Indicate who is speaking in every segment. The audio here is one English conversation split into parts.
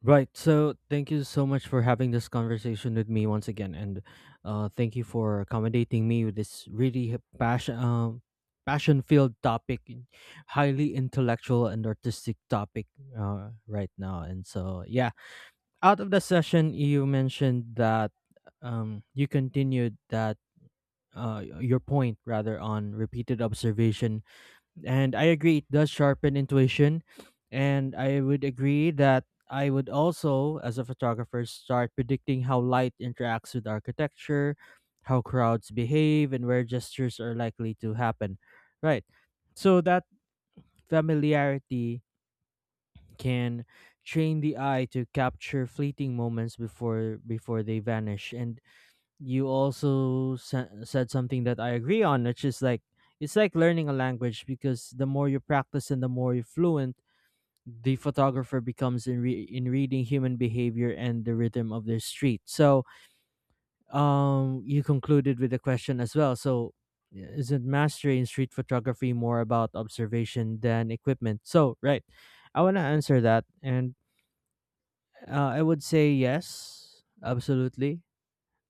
Speaker 1: Right. So thank you so much for having this conversation with me once again, and thank you for accommodating me with this really passion-filled topic, highly intellectual and artistic topic right now. And so, yeah, out of the session, you mentioned that you continued that your point rather on repeated observation, and I agree, it does sharpen intuition. And I would agree that I would also, as a photographer, start predicting how light interacts with architecture, how crowds behave, and where gestures are likely to happen. Right. So that familiarity can train the eye to capture fleeting moments before they vanish. And you also said something that I agree on, which is like it's like learning a language, because the more you practice and the more you're fluent, the photographer becomes in in reading human behavior and the rhythm of their street. So, you concluded with a question as well. So, yeah, isn't mastery in street photography more about observation than equipment? So, right, I want to answer that, and I would say yes, absolutely.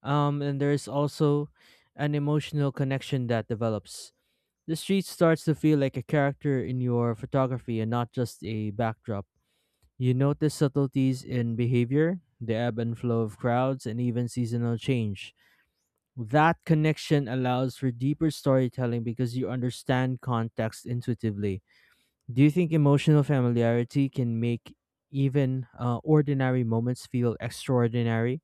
Speaker 1: And there's also an emotional connection that develops. The street starts to feel like a character in your photography and not just a backdrop. You notice subtleties in behavior, the ebb and flow of crowds, and even seasonal change. That connection allows for deeper storytelling because you understand context intuitively. Do you think emotional familiarity can make even ordinary moments feel extraordinary?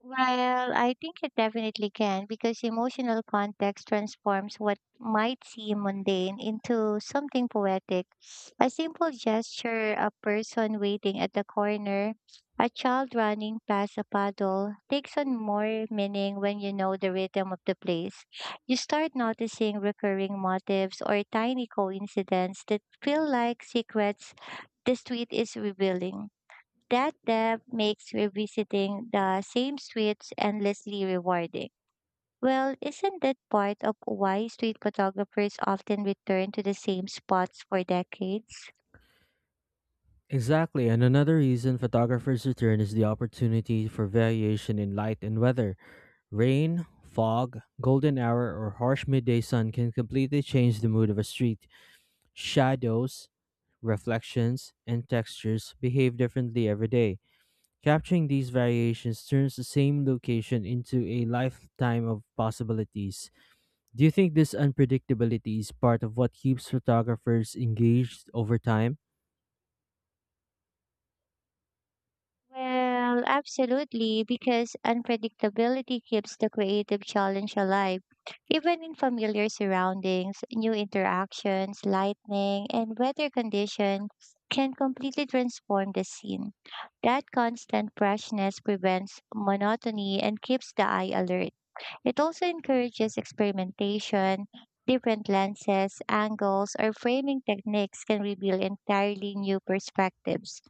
Speaker 2: Well, I think it definitely can because emotional context transforms what might seem mundane into something poetic. A simple gesture, a person waiting at the corner, a child running past a puddle takes on more meaning when you know the rhythm of the place. You start noticing recurring motifs or tiny coincidences that feel like secrets the street is revealing. That depth makes revisiting the same streets endlessly rewarding. Well, isn't that part of why street photographers often return to the same spots for decades?
Speaker 1: Exactly, and another reason photographers return is the opportunity for variation in light and weather. Rain, fog, golden hour, or harsh midday sun can completely change the mood of a street. Shadows, reflections, and textures behave differently every day. Capturing these variations turns the same location into a lifetime of possibilities. Do you think this unpredictability is part of what keeps photographers engaged over time?
Speaker 2: Well, absolutely, because unpredictability keeps the creative challenge alive. Even in familiar surroundings, new interactions, lightning, and weather conditions can completely transform the scene. That constant freshness prevents monotony and keeps the eye alert. It also encourages experimentation. Different lenses, angles, or framing techniques can reveal entirely new perspectives.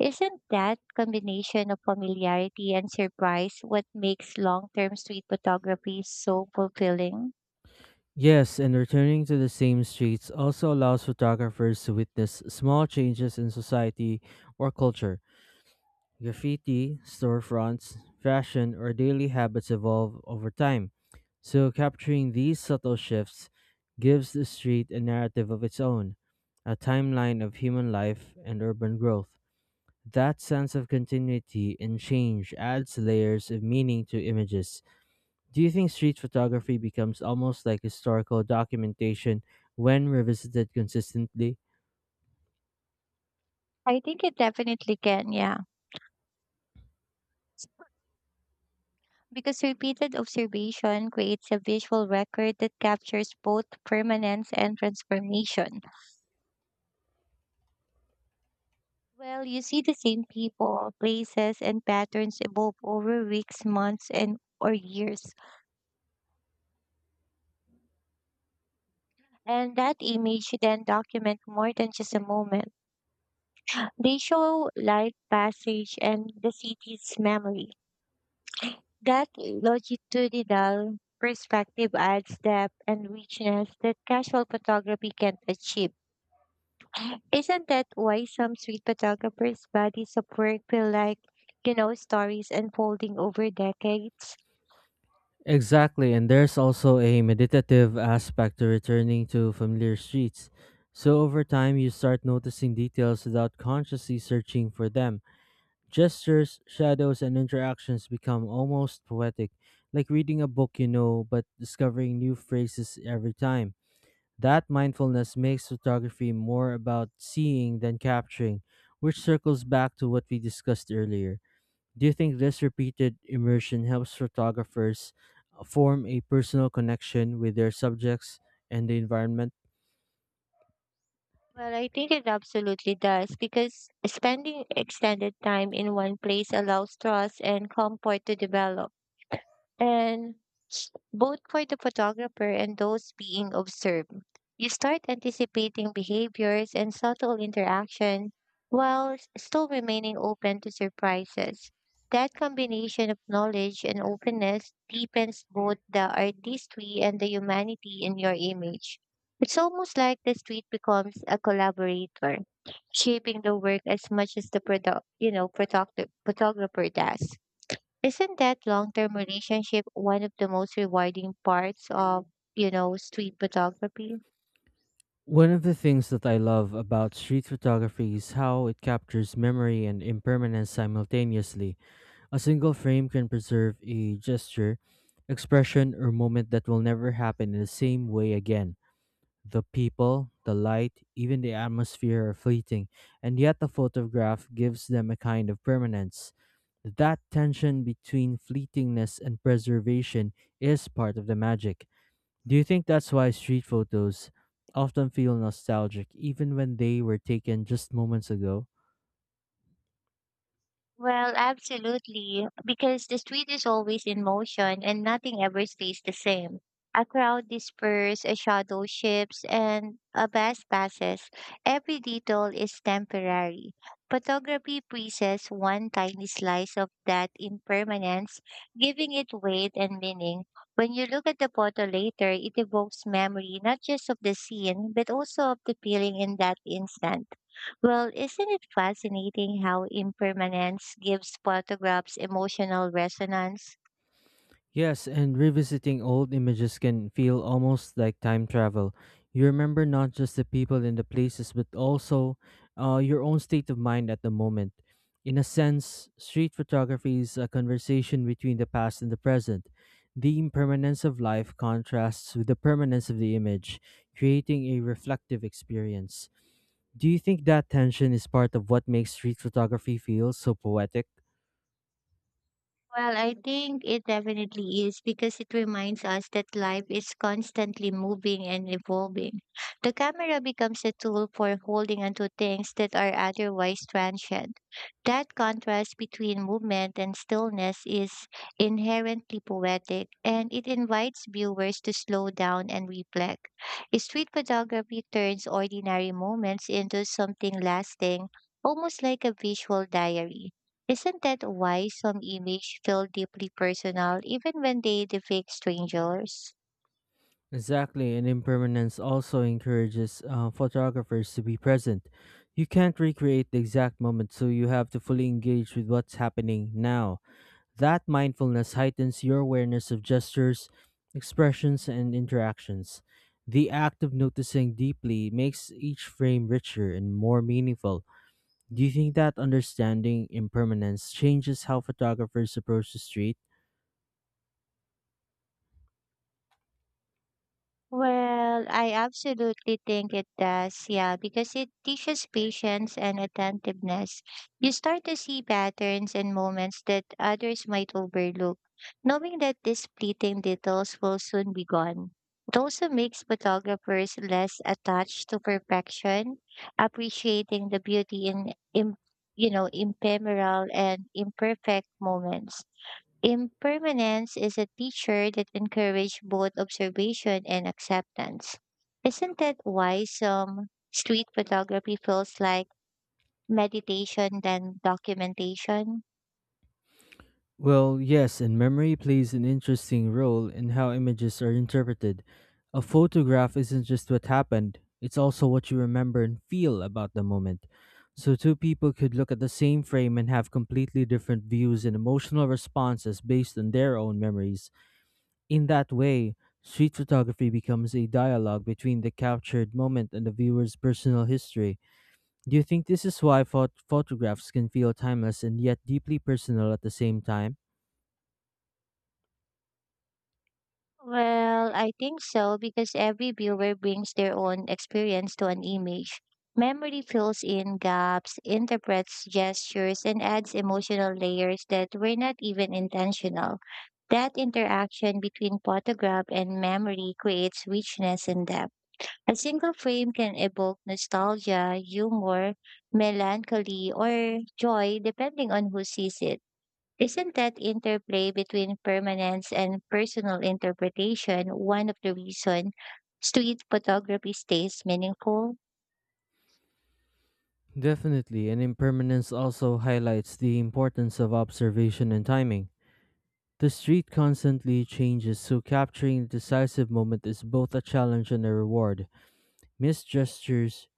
Speaker 2: Isn't that combination of familiarity and surprise what makes long term street photography so fulfilling?
Speaker 1: Yes, and returning to the same streets also allows photographers to witness small changes in society or culture. Graffiti, storefronts, fashion, or daily habits evolve over time. So capturing these subtle shifts gives the street a narrative of its own, a timeline of human life and urban growth. That sense of continuity and change adds layers of meaning to images. Do you think street photography becomes almost like historical documentation when revisited consistently?
Speaker 2: I think it definitely can, yeah. Because repeated observation creates a visual record that captures both permanence and transformation. Well, you see the same people, places, and patterns evolve over weeks, months, and or years. And that image then document more than just a moment. They show light passage and the city's memory. That longitudinal perspective adds depth and richness that casual photography can't achieve. Isn't that why some street photographers' bodies of work feel like stories unfolding over decades?
Speaker 1: Exactly, and there's also a meditative aspect to returning to familiar streets. So over time, you start noticing details without consciously searching for them. Gestures, shadows, and interactions become almost poetic, like reading a book you know, but discovering new phrases every time. That mindfulness makes photography more about seeing than capturing, which circles back to what we discussed earlier. Do you think this repeated immersion helps photographers form a personal connection with their subjects and the environment?
Speaker 2: Well, I think it absolutely does because spending extended time in one place allows trust and comfort to develop. And both for the photographer and those being observed. You start anticipating behaviors and subtle interaction while still remaining open to surprises. That combination of knowledge and openness deepens both the artistry and the humanity in your image. It's almost like the street becomes a collaborator, shaping the work as much as the product, photographer does. Isn't that long-term relationship one of the most rewarding parts of street photography?
Speaker 1: One of the things that I love about street photography is how it captures memory and impermanence simultaneously. A single frame can preserve a gesture, expression, or moment that will never happen in the same way again. The people, the light, even the atmosphere are fleeting, and yet the photograph gives them a kind of permanence. That tension between fleetingness and preservation is part of the magic. Do you think that's why street photos often feel nostalgic even when they were taken just moments ago?
Speaker 2: Well, absolutely, because the street is always in motion and nothing ever stays the same. A crowd disperses, a shadow shifts, and a bus passes. Every detail is temporary. Photography presses one tiny slice of that impermanence, giving it weight and meaning. When you look at the photo later, it evokes memory not just of the scene, but also of the feeling in that instant. Well, isn't it fascinating how impermanence gives photographs emotional resonance?
Speaker 1: Yes, and revisiting old images can feel almost like time travel. You remember not just the people and the places, but also your own state of mind at the moment. In a sense, street photography is a conversation between the past and the present. The impermanence of life contrasts with the permanence of the image, creating a reflective experience. Do you think that tension is part of what makes street photography feel so poetic?
Speaker 2: Well, I think it definitely is because it reminds us that life is constantly moving and evolving. The camera becomes a tool for holding onto things that are otherwise transient. That contrast between movement and stillness is inherently poetic, and it invites viewers to slow down and reflect. Street photography turns ordinary moments into something lasting, almost like a visual diary. Isn't that why some images feel deeply personal even when they depict strangers?
Speaker 1: Exactly, and impermanence also encourages photographers to be present. You can't recreate the exact moment, so you have to fully engage with what's happening now. That mindfulness heightens your awareness of gestures, expressions, and interactions. The act of noticing deeply makes each frame richer and more meaningful. Do you think that understanding impermanence changes how photographers approach the street?
Speaker 2: Well, I absolutely think it does, yeah, because it teaches patience and attentiveness. You start to see patterns and moments that others might overlook, knowing that these fleeting details will soon be gone. It also makes photographers less attached to perfection, appreciating the beauty in ephemeral and imperfect moments. Impermanence is a teacher that encourages both observation and acceptance. Isn't that why some street photography feels like meditation than documentation?
Speaker 1: Well, yes, and memory plays an interesting role in how images are interpreted. A photograph isn't just what happened, it's also what you remember and feel about the moment. So, two people could look at the same frame and have completely different views and emotional responses based on their own memories. In that way, street photography becomes a dialogue between the captured moment and the viewer's personal history. Do you think this is why photographs can feel timeless and yet deeply personal at the same time?
Speaker 2: Well, I think so, because every viewer brings their own experience to an image. Memory fills in gaps, interprets gestures, and adds emotional layers that were not even intentional. That interaction between photograph and memory creates richness and depth. A single frame can evoke nostalgia, humor, melancholy, or joy depending on who sees it. Isn't that interplay between permanence and personal interpretation one of the reasons street photography stays meaningful?
Speaker 1: Definitely, and impermanence also highlights the importance of observation and timing. The street constantly changes, so capturing the decisive moment is both a challenge and a reward. Missed gestures,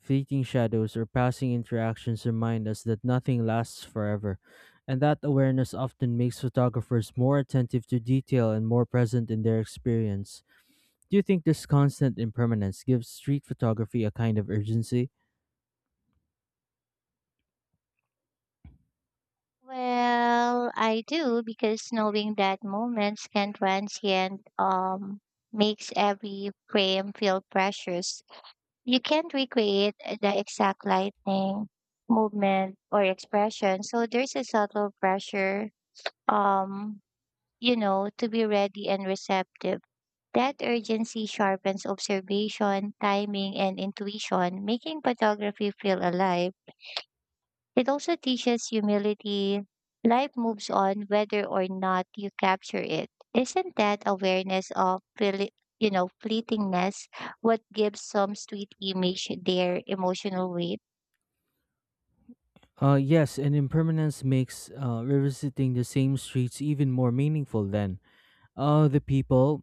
Speaker 1: fleeting shadows, or passing interactions remind us that nothing lasts forever, and that awareness often makes photographers more attentive to detail and more present in their experience. Do you think this constant impermanence gives street photography a kind of urgency?
Speaker 2: Well, I do, because knowing that moments can transient makes every frame feel precious. You can't recreate the exact lightning, movement, or expression, so there's a subtle pressure, um to be ready and receptive. That urgency sharpens observation, timing, and intuition, making photography feel alive. It also teaches humility. Life moves on whether or not you capture it. Isn't that awareness of fleetingness what gives some sweet image their emotional weight?
Speaker 1: Yes, and impermanence makes revisiting the same streets even more meaningful then. The people,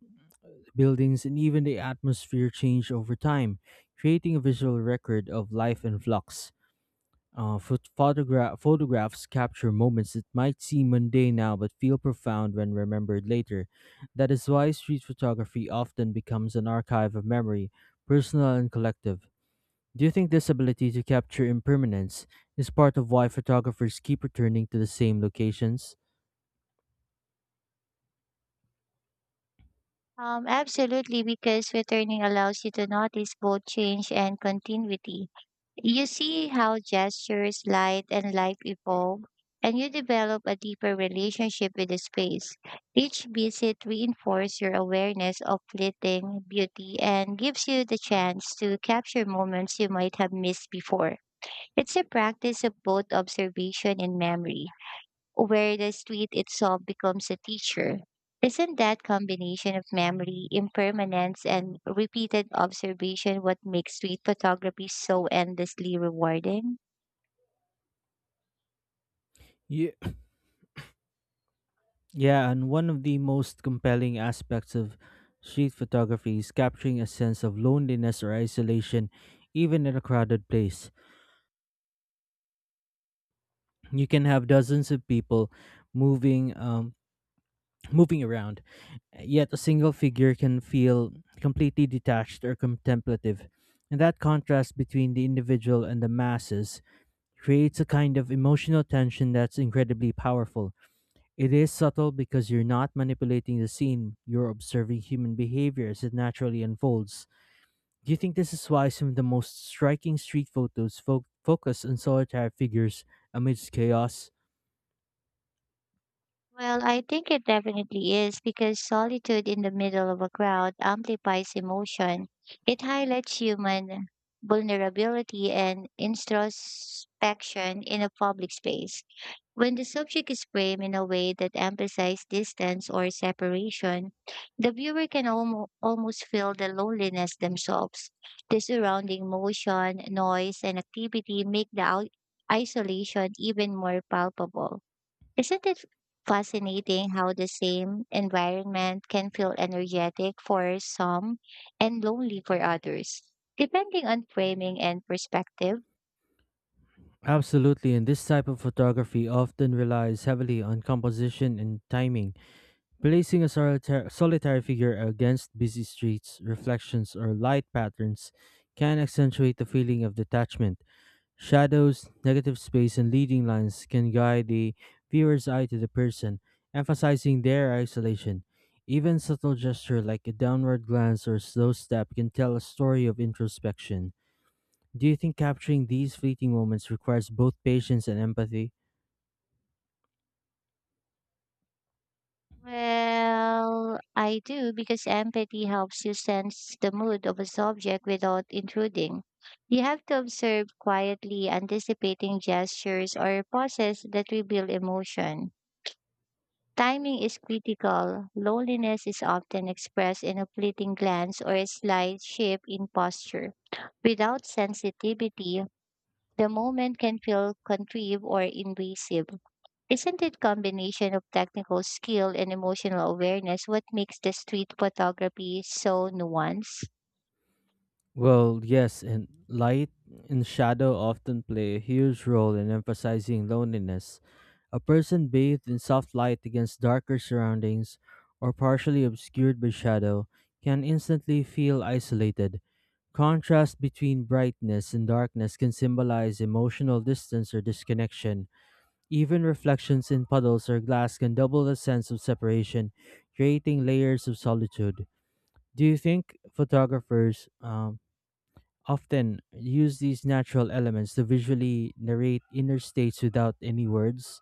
Speaker 1: buildings, and even the atmosphere change over time, creating a visual record of life in flux. Photographs capture moments that might seem mundane now but feel profound when remembered later. That is why street photography often becomes an archive of memory, personal and collective. Do you think this ability to capture impermanence is part of why photographers keep returning to the same locations?
Speaker 2: Absolutely, because returning allows you to notice both change and continuity. You see how gestures, light, and life evolve, and you develop a deeper relationship with the space. Each visit reinforces your awareness of fleeting beauty and gives you the chance to capture moments you might have missed before. It's a practice of both observation and memory, where the street itself becomes a teacher. Isn't that combination of memory, impermanence, and repeated observation what makes street photography so endlessly rewarding?
Speaker 1: Yeah. Yeah, and one of the most compelling aspects of street photography is capturing a sense of loneliness or isolation, even in a crowded place. You can have dozens of people moving, um, moving around, yet a single figure can feel completely detached or contemplative. And that contrast between the individual and the masses creates a kind of emotional tension that's incredibly powerful. It is subtle because you're not manipulating the scene, you're observing human behavior as it naturally unfolds. Do you think this is why some of the most striking street photos focus on solitary figures amidst chaos?
Speaker 2: Well, I think it definitely is because solitude in the middle of a crowd amplifies emotion. It highlights human vulnerability and introspection in a public space. When the subject is framed in a way that emphasizes distance or separation, the viewer can almost feel the loneliness themselves. The surrounding motion, noise, and activity make the isolation even more palpable. Isn't it fascinating how the same environment can feel energetic for some and lonely for others, depending on framing and perspective?
Speaker 1: Absolutely, and this type of photography often relies heavily on composition and timing. Placing a solitary figure against busy streets, reflections, or light patterns can accentuate the feeling of detachment. Shadows, negative space, and leading lines can guide the viewer's eye to the person, emphasizing their isolation. Even subtle gesture like a downward glance or slow step can tell a story of introspection. Do you think capturing these fleeting moments requires both patience and empathy?
Speaker 2: Well, I do because empathy helps you sense the mood of a subject without intruding. You have to observe quietly, anticipating gestures or pauses that reveal emotion. Timing is critical. Loneliness is often expressed in a fleeting glance or a slight shift in posture. Without sensitivity, the moment can feel contrived or invasive. Isn't it combination of technical skill and emotional awareness what makes the street photography so nuanced?
Speaker 1: Well, yes, and light and shadow often play a huge role in emphasizing loneliness. A person bathed in soft light against darker surroundings or partially obscured by shadow can instantly feel isolated. Contrast between brightness and darkness can symbolize emotional distance or disconnection. Even reflections in puddles or glass can double the sense of separation, creating layers of solitude. Do you think photographers often use these natural elements to visually narrate inner states without any words?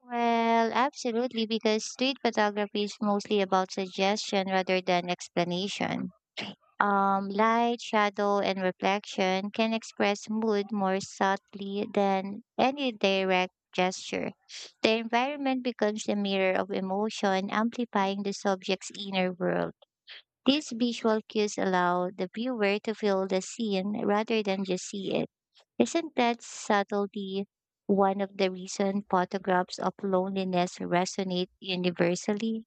Speaker 2: Well, absolutely, because street photography is mostly about suggestion rather than explanation. Light, shadow, and reflection can express mood more subtly than any direct gesture. The environment becomes the mirror of emotion, amplifying the subject's inner world. These visual cues allow the viewer to feel the scene rather than just see it. Isn't that subtlety one of the reason photographs of loneliness resonate universally?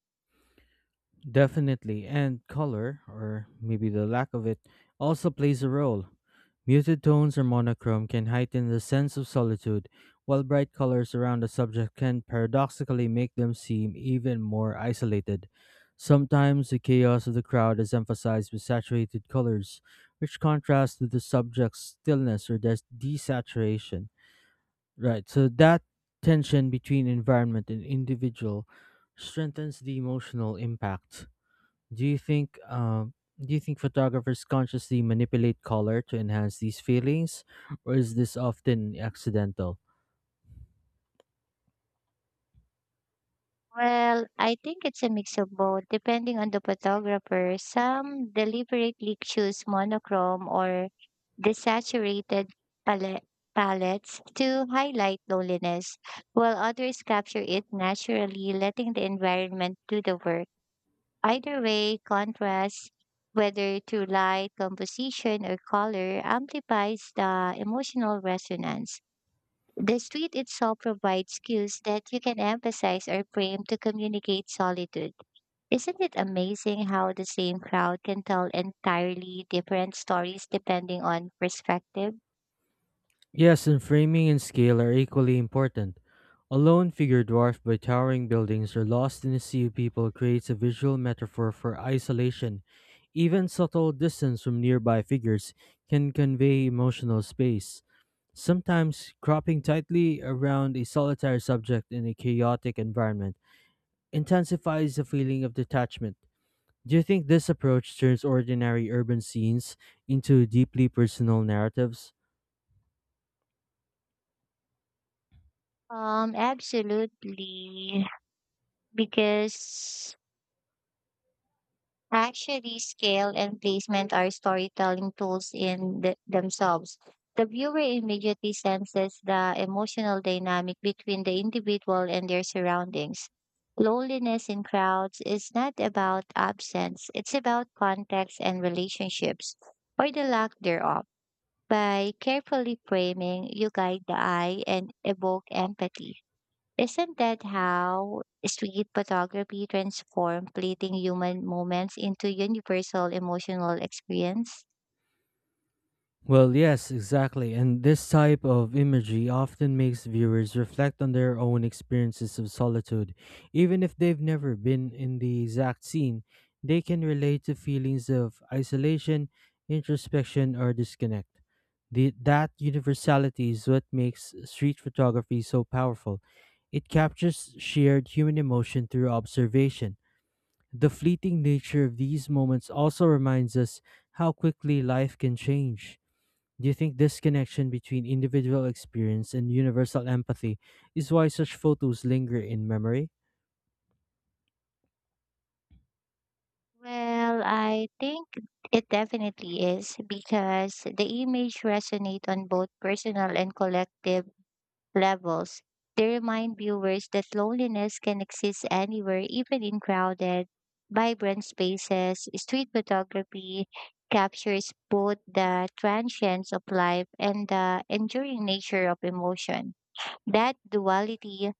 Speaker 1: Definitely, and color, or maybe the lack of it, also plays a role. Muted tones or monochrome can heighten the sense of solitude, while bright colors around a subject can paradoxically make them seem even more isolated. Sometimes the chaos of the crowd is emphasized with saturated colors, which contrasts with the subject's stillness or desaturation. Right. So that tension between environment and individual strengthens the emotional impact. Do you think? Um, do you think photographers consciously manipulate color to enhance these feelings, or is this often accidental?
Speaker 2: Well, I think it's a mix of both, depending on the photographer. Some deliberately choose monochrome or desaturated palette palettes to highlight loneliness, while others capture it naturally, letting the environment do the work. Either way, contrast, whether through light, composition, or color, amplifies the emotional resonance. The street itself provides cues that you can emphasize or frame to communicate solitude. Isn't it amazing how the same crowd can tell entirely different stories depending on perspective?
Speaker 1: Yes, and framing and scale are equally important. A lone figure dwarfed by towering buildings or lost in a sea of people creates a visual metaphor for isolation. Even subtle distance from nearby figures can convey emotional space. Sometimes cropping tightly around a solitary subject in a chaotic environment intensifies the feeling of detachment. Do you think this approach turns ordinary urban scenes into deeply personal narratives?
Speaker 2: Absolutely, because actually, scale and placement are storytelling tools in themselves. The viewer immediately senses the emotional dynamic between the individual and their surroundings. Loneliness in crowds is not about absence, it's about context and relationships, or the lack thereof. By carefully framing, you guide the eye and evoke empathy. Isn't that how street photography transformed fleeting human moments into universal emotional experience?
Speaker 1: Well, yes, exactly. And this type of imagery often makes viewers reflect on their own experiences of solitude. Even if they've never been in the exact scene, they can relate to feelings of isolation, introspection, or disconnect. That universality is what makes street photography so powerful. It captures shared human emotion through observation. The fleeting nature of these moments also reminds us how quickly life can change. Do you think this connection between individual experience and universal empathy is why such photos linger in memory?
Speaker 2: Well, I think it definitely is because the image resonates on both personal and collective levels. They remind viewers that loneliness can exist anywhere, even in crowded, vibrant spaces. Street photography captures both the transience of life and the enduring nature of emotion. That duality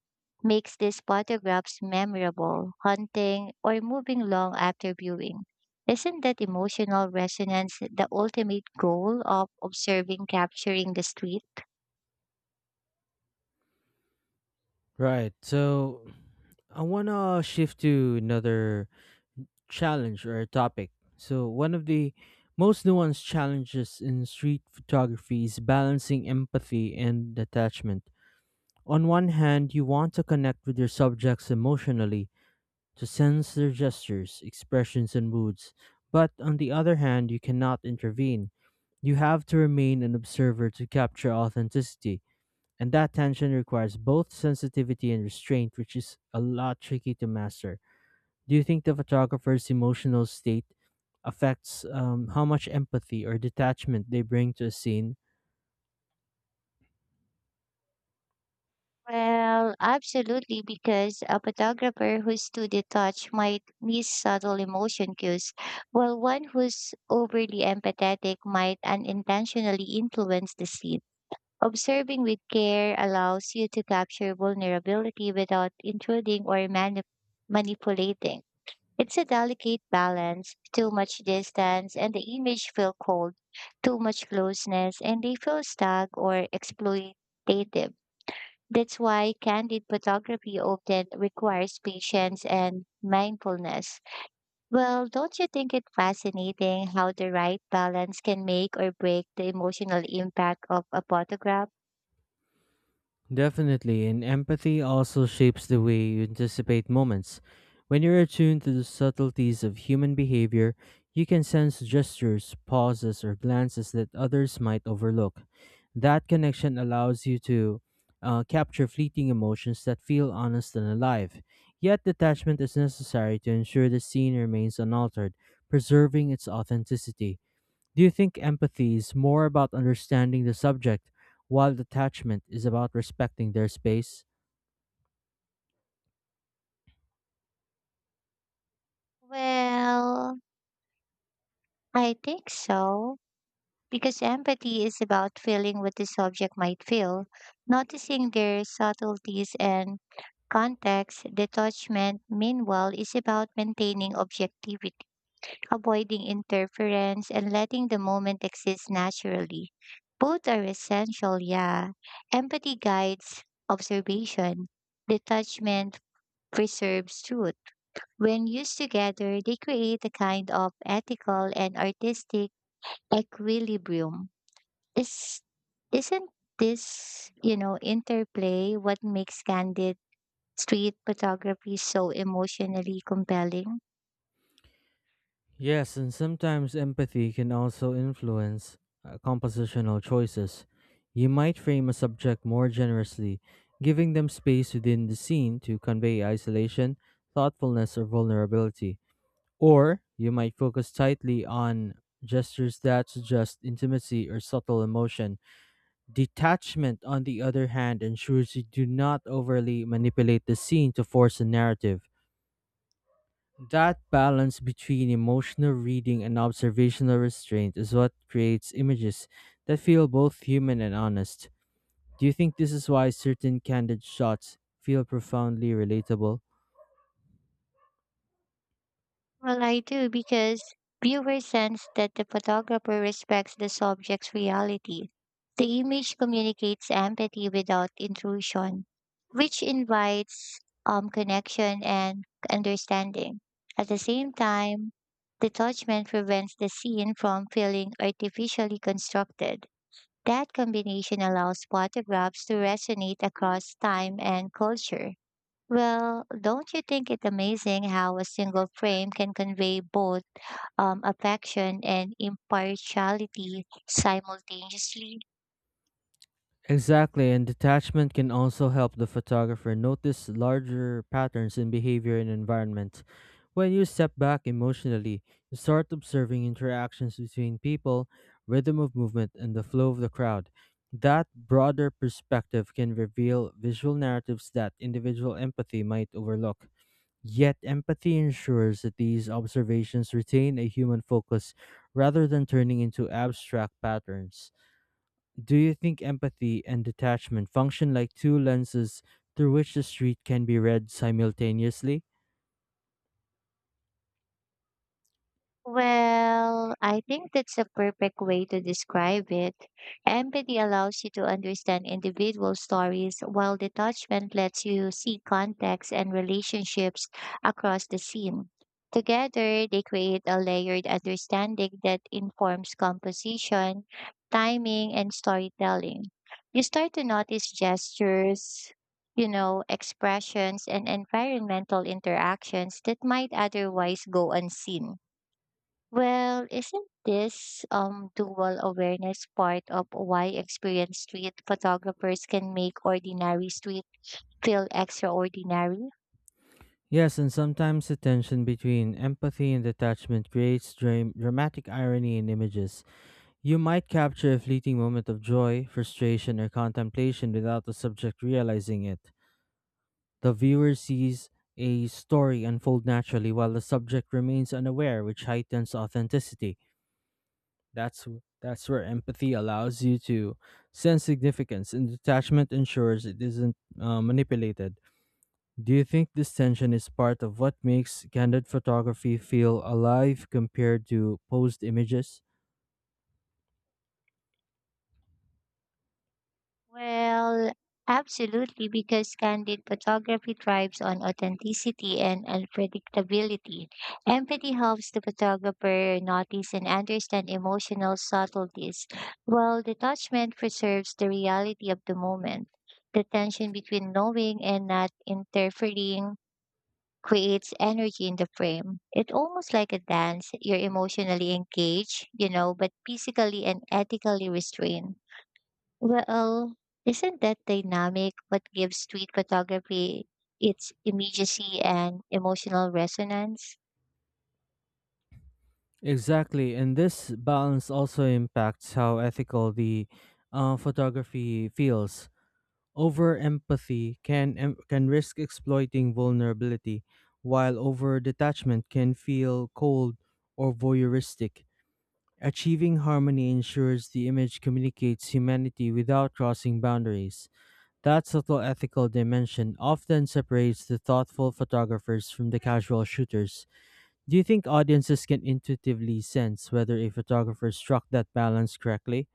Speaker 2: makes these photographs memorable, haunting, or moving long after viewing. Isn't that emotional resonance the ultimate goal of observing capturing the street?
Speaker 1: Right. So I want to shift to another challenge or topic. So one of the most nuanced challenges in street photography is balancing empathy and detachment. On one hand, you want to connect with your subjects emotionally, to sense their gestures, expressions, and moods. But on the other hand, you cannot intervene. You have to remain an observer to capture authenticity, and that tension requires both sensitivity and restraint, which is a lot tricky to master. Do you think the photographer's emotional state affects how much empathy or detachment they bring to a scene?
Speaker 2: Well, absolutely, because a photographer who's too detached might miss subtle emotion cues, while one who's overly empathetic might unintentionally influence the scene. Observing with care allows you to capture vulnerability without intruding or manipulating. It's a delicate balance. Too much distance and the image feel cold, too much closeness and they feel stuck or exploitative. That's why candid photography often requires patience and mindfulness. Well, don't you think it fascinating how the right balance can make or break the emotional impact of a photograph?
Speaker 1: Definitely, and empathy also shapes the way you anticipate moments. When you're attuned to the subtleties of human behavior, you can sense gestures, pauses, or glances that others might overlook. That connection allows you to capture fleeting emotions that feel honest and alive. Yet, detachment is necessary to ensure the scene remains unaltered, preserving its authenticity. Do you think empathy is more about understanding the subject, while detachment is about respecting their space?
Speaker 2: Well, I think so. Because empathy is about feeling what the subject might feel, noticing their subtleties and context. Detachment, meanwhile, is about maintaining objectivity, avoiding interference, and letting the moment exist naturally. Both are essential, yeah. Empathy guides observation, detachment preserves truth. When used together, they create a kind of ethical and artistic equilibrium. Is, isn't this, you know, interplay what makes candid street photography so emotionally compelling?
Speaker 1: Yes, and sometimes empathy can also influence compositional choices. You might frame a subject more generously, giving them space within the scene to convey isolation, thoughtfulness, or vulnerability. Or you might focus tightly on gestures that suggest intimacy or subtle emotion. Detachment, on the other hand, ensures you do not overly manipulate the scene to force a narrative. That balance between emotional reading and observational restraint is what creates images that feel both human and honest. Do you think this is why certain candid shots feel profoundly relatable?
Speaker 2: Well, I do because viewers sense that the photographer respects the subject's reality. The image communicates empathy without intrusion, which invites connection and understanding. At the same time, detachment prevents the scene from feeling artificially constructed. That combination allows photographs to resonate across time and culture. Well, don't you think it amazing how a single frame can convey both affection and impartiality simultaneously?
Speaker 1: Exactly, and detachment can also help the photographer notice larger patterns in behavior and environment. When you step back emotionally, you start observing interactions between people, rhythm of movement, and the flow of the crowd. That broader perspective can reveal visual narratives that individual empathy might overlook. Yet, empathy ensures that these observations retain a human focus rather than turning into abstract patterns. Do you think empathy and detachment function like two lenses through which the street can be read simultaneously?
Speaker 2: Well, I think that's a perfect way to describe it. Empathy allows you to understand individual stories, while detachment lets you see context and relationships across the scene. Together, they create a layered understanding that informs composition, timing, and storytelling. You start to notice gestures, you know, expressions, and environmental interactions that might otherwise go unseen. Well, isn't this dual awareness part of why experienced street photographers can make ordinary street feel extraordinary?
Speaker 1: Yes, and sometimes the tension between empathy and detachment creates dramatic irony in images. You might capture a fleeting moment of joy, frustration, or contemplation without the subject realizing it. The viewer sees a story unfold naturally while the subject remains unaware, which heightens authenticity. That's where empathy allows you to sense significance, and detachment ensures it isn't manipulated. Do you think this tension is part of what makes candid photography feel alive compared to posed images?
Speaker 2: Well, absolutely, because candid photography thrives on authenticity and unpredictability. Empathy helps the photographer notice and understand emotional subtleties, while detachment preserves the reality of the moment. The tension between knowing and not interfering creates energy in the frame. It's almost like a dance. You're emotionally engaged, you know, but physically and ethically restrained. Well, isn't that dynamic what gives street photography its immediacy and emotional resonance?
Speaker 1: Exactly, and this balance also impacts how ethical the photography feels. Over empathy can can risk exploiting vulnerability, while over detachment can feel cold or voyeuristic. Achieving harmony ensures the image communicates humanity without crossing boundaries. That subtle ethical dimension often separates the thoughtful photographers from the casual shooters. Do you think audiences can intuitively sense whether a photographer struck that balance correctly?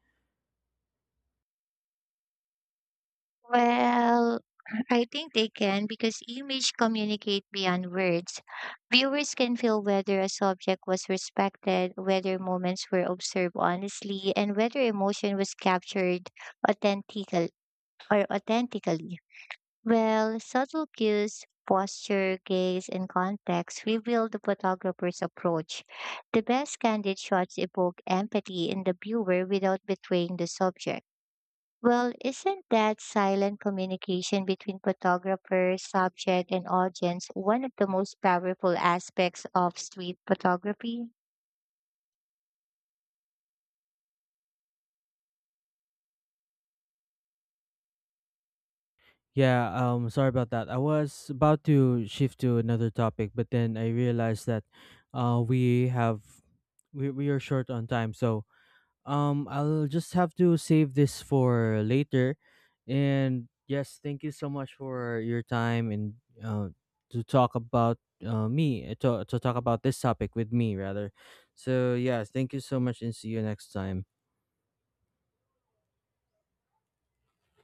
Speaker 2: Well, I think they can because image communicate beyond words. Viewers can feel whether a subject was respected, whether moments were observed honestly, and whether emotion was captured authentically or authentically. Well, subtle cues, posture, gaze, and context reveal the photographer's approach. The best candid shots evoke empathy in the viewer without betraying the subject. Well, isn't that silent communication between photographer, subject, and audience one of the most powerful aspects of street photography?
Speaker 1: Yeah, sorry about that. I was about to shift to another topic, but then I realized that we have we are short on time, so I'll just have to save this for later. And yes, thank you so much for your time, and uh, to talk about me to talk about this topic with me rather. So yes, thank you so much and see you next time.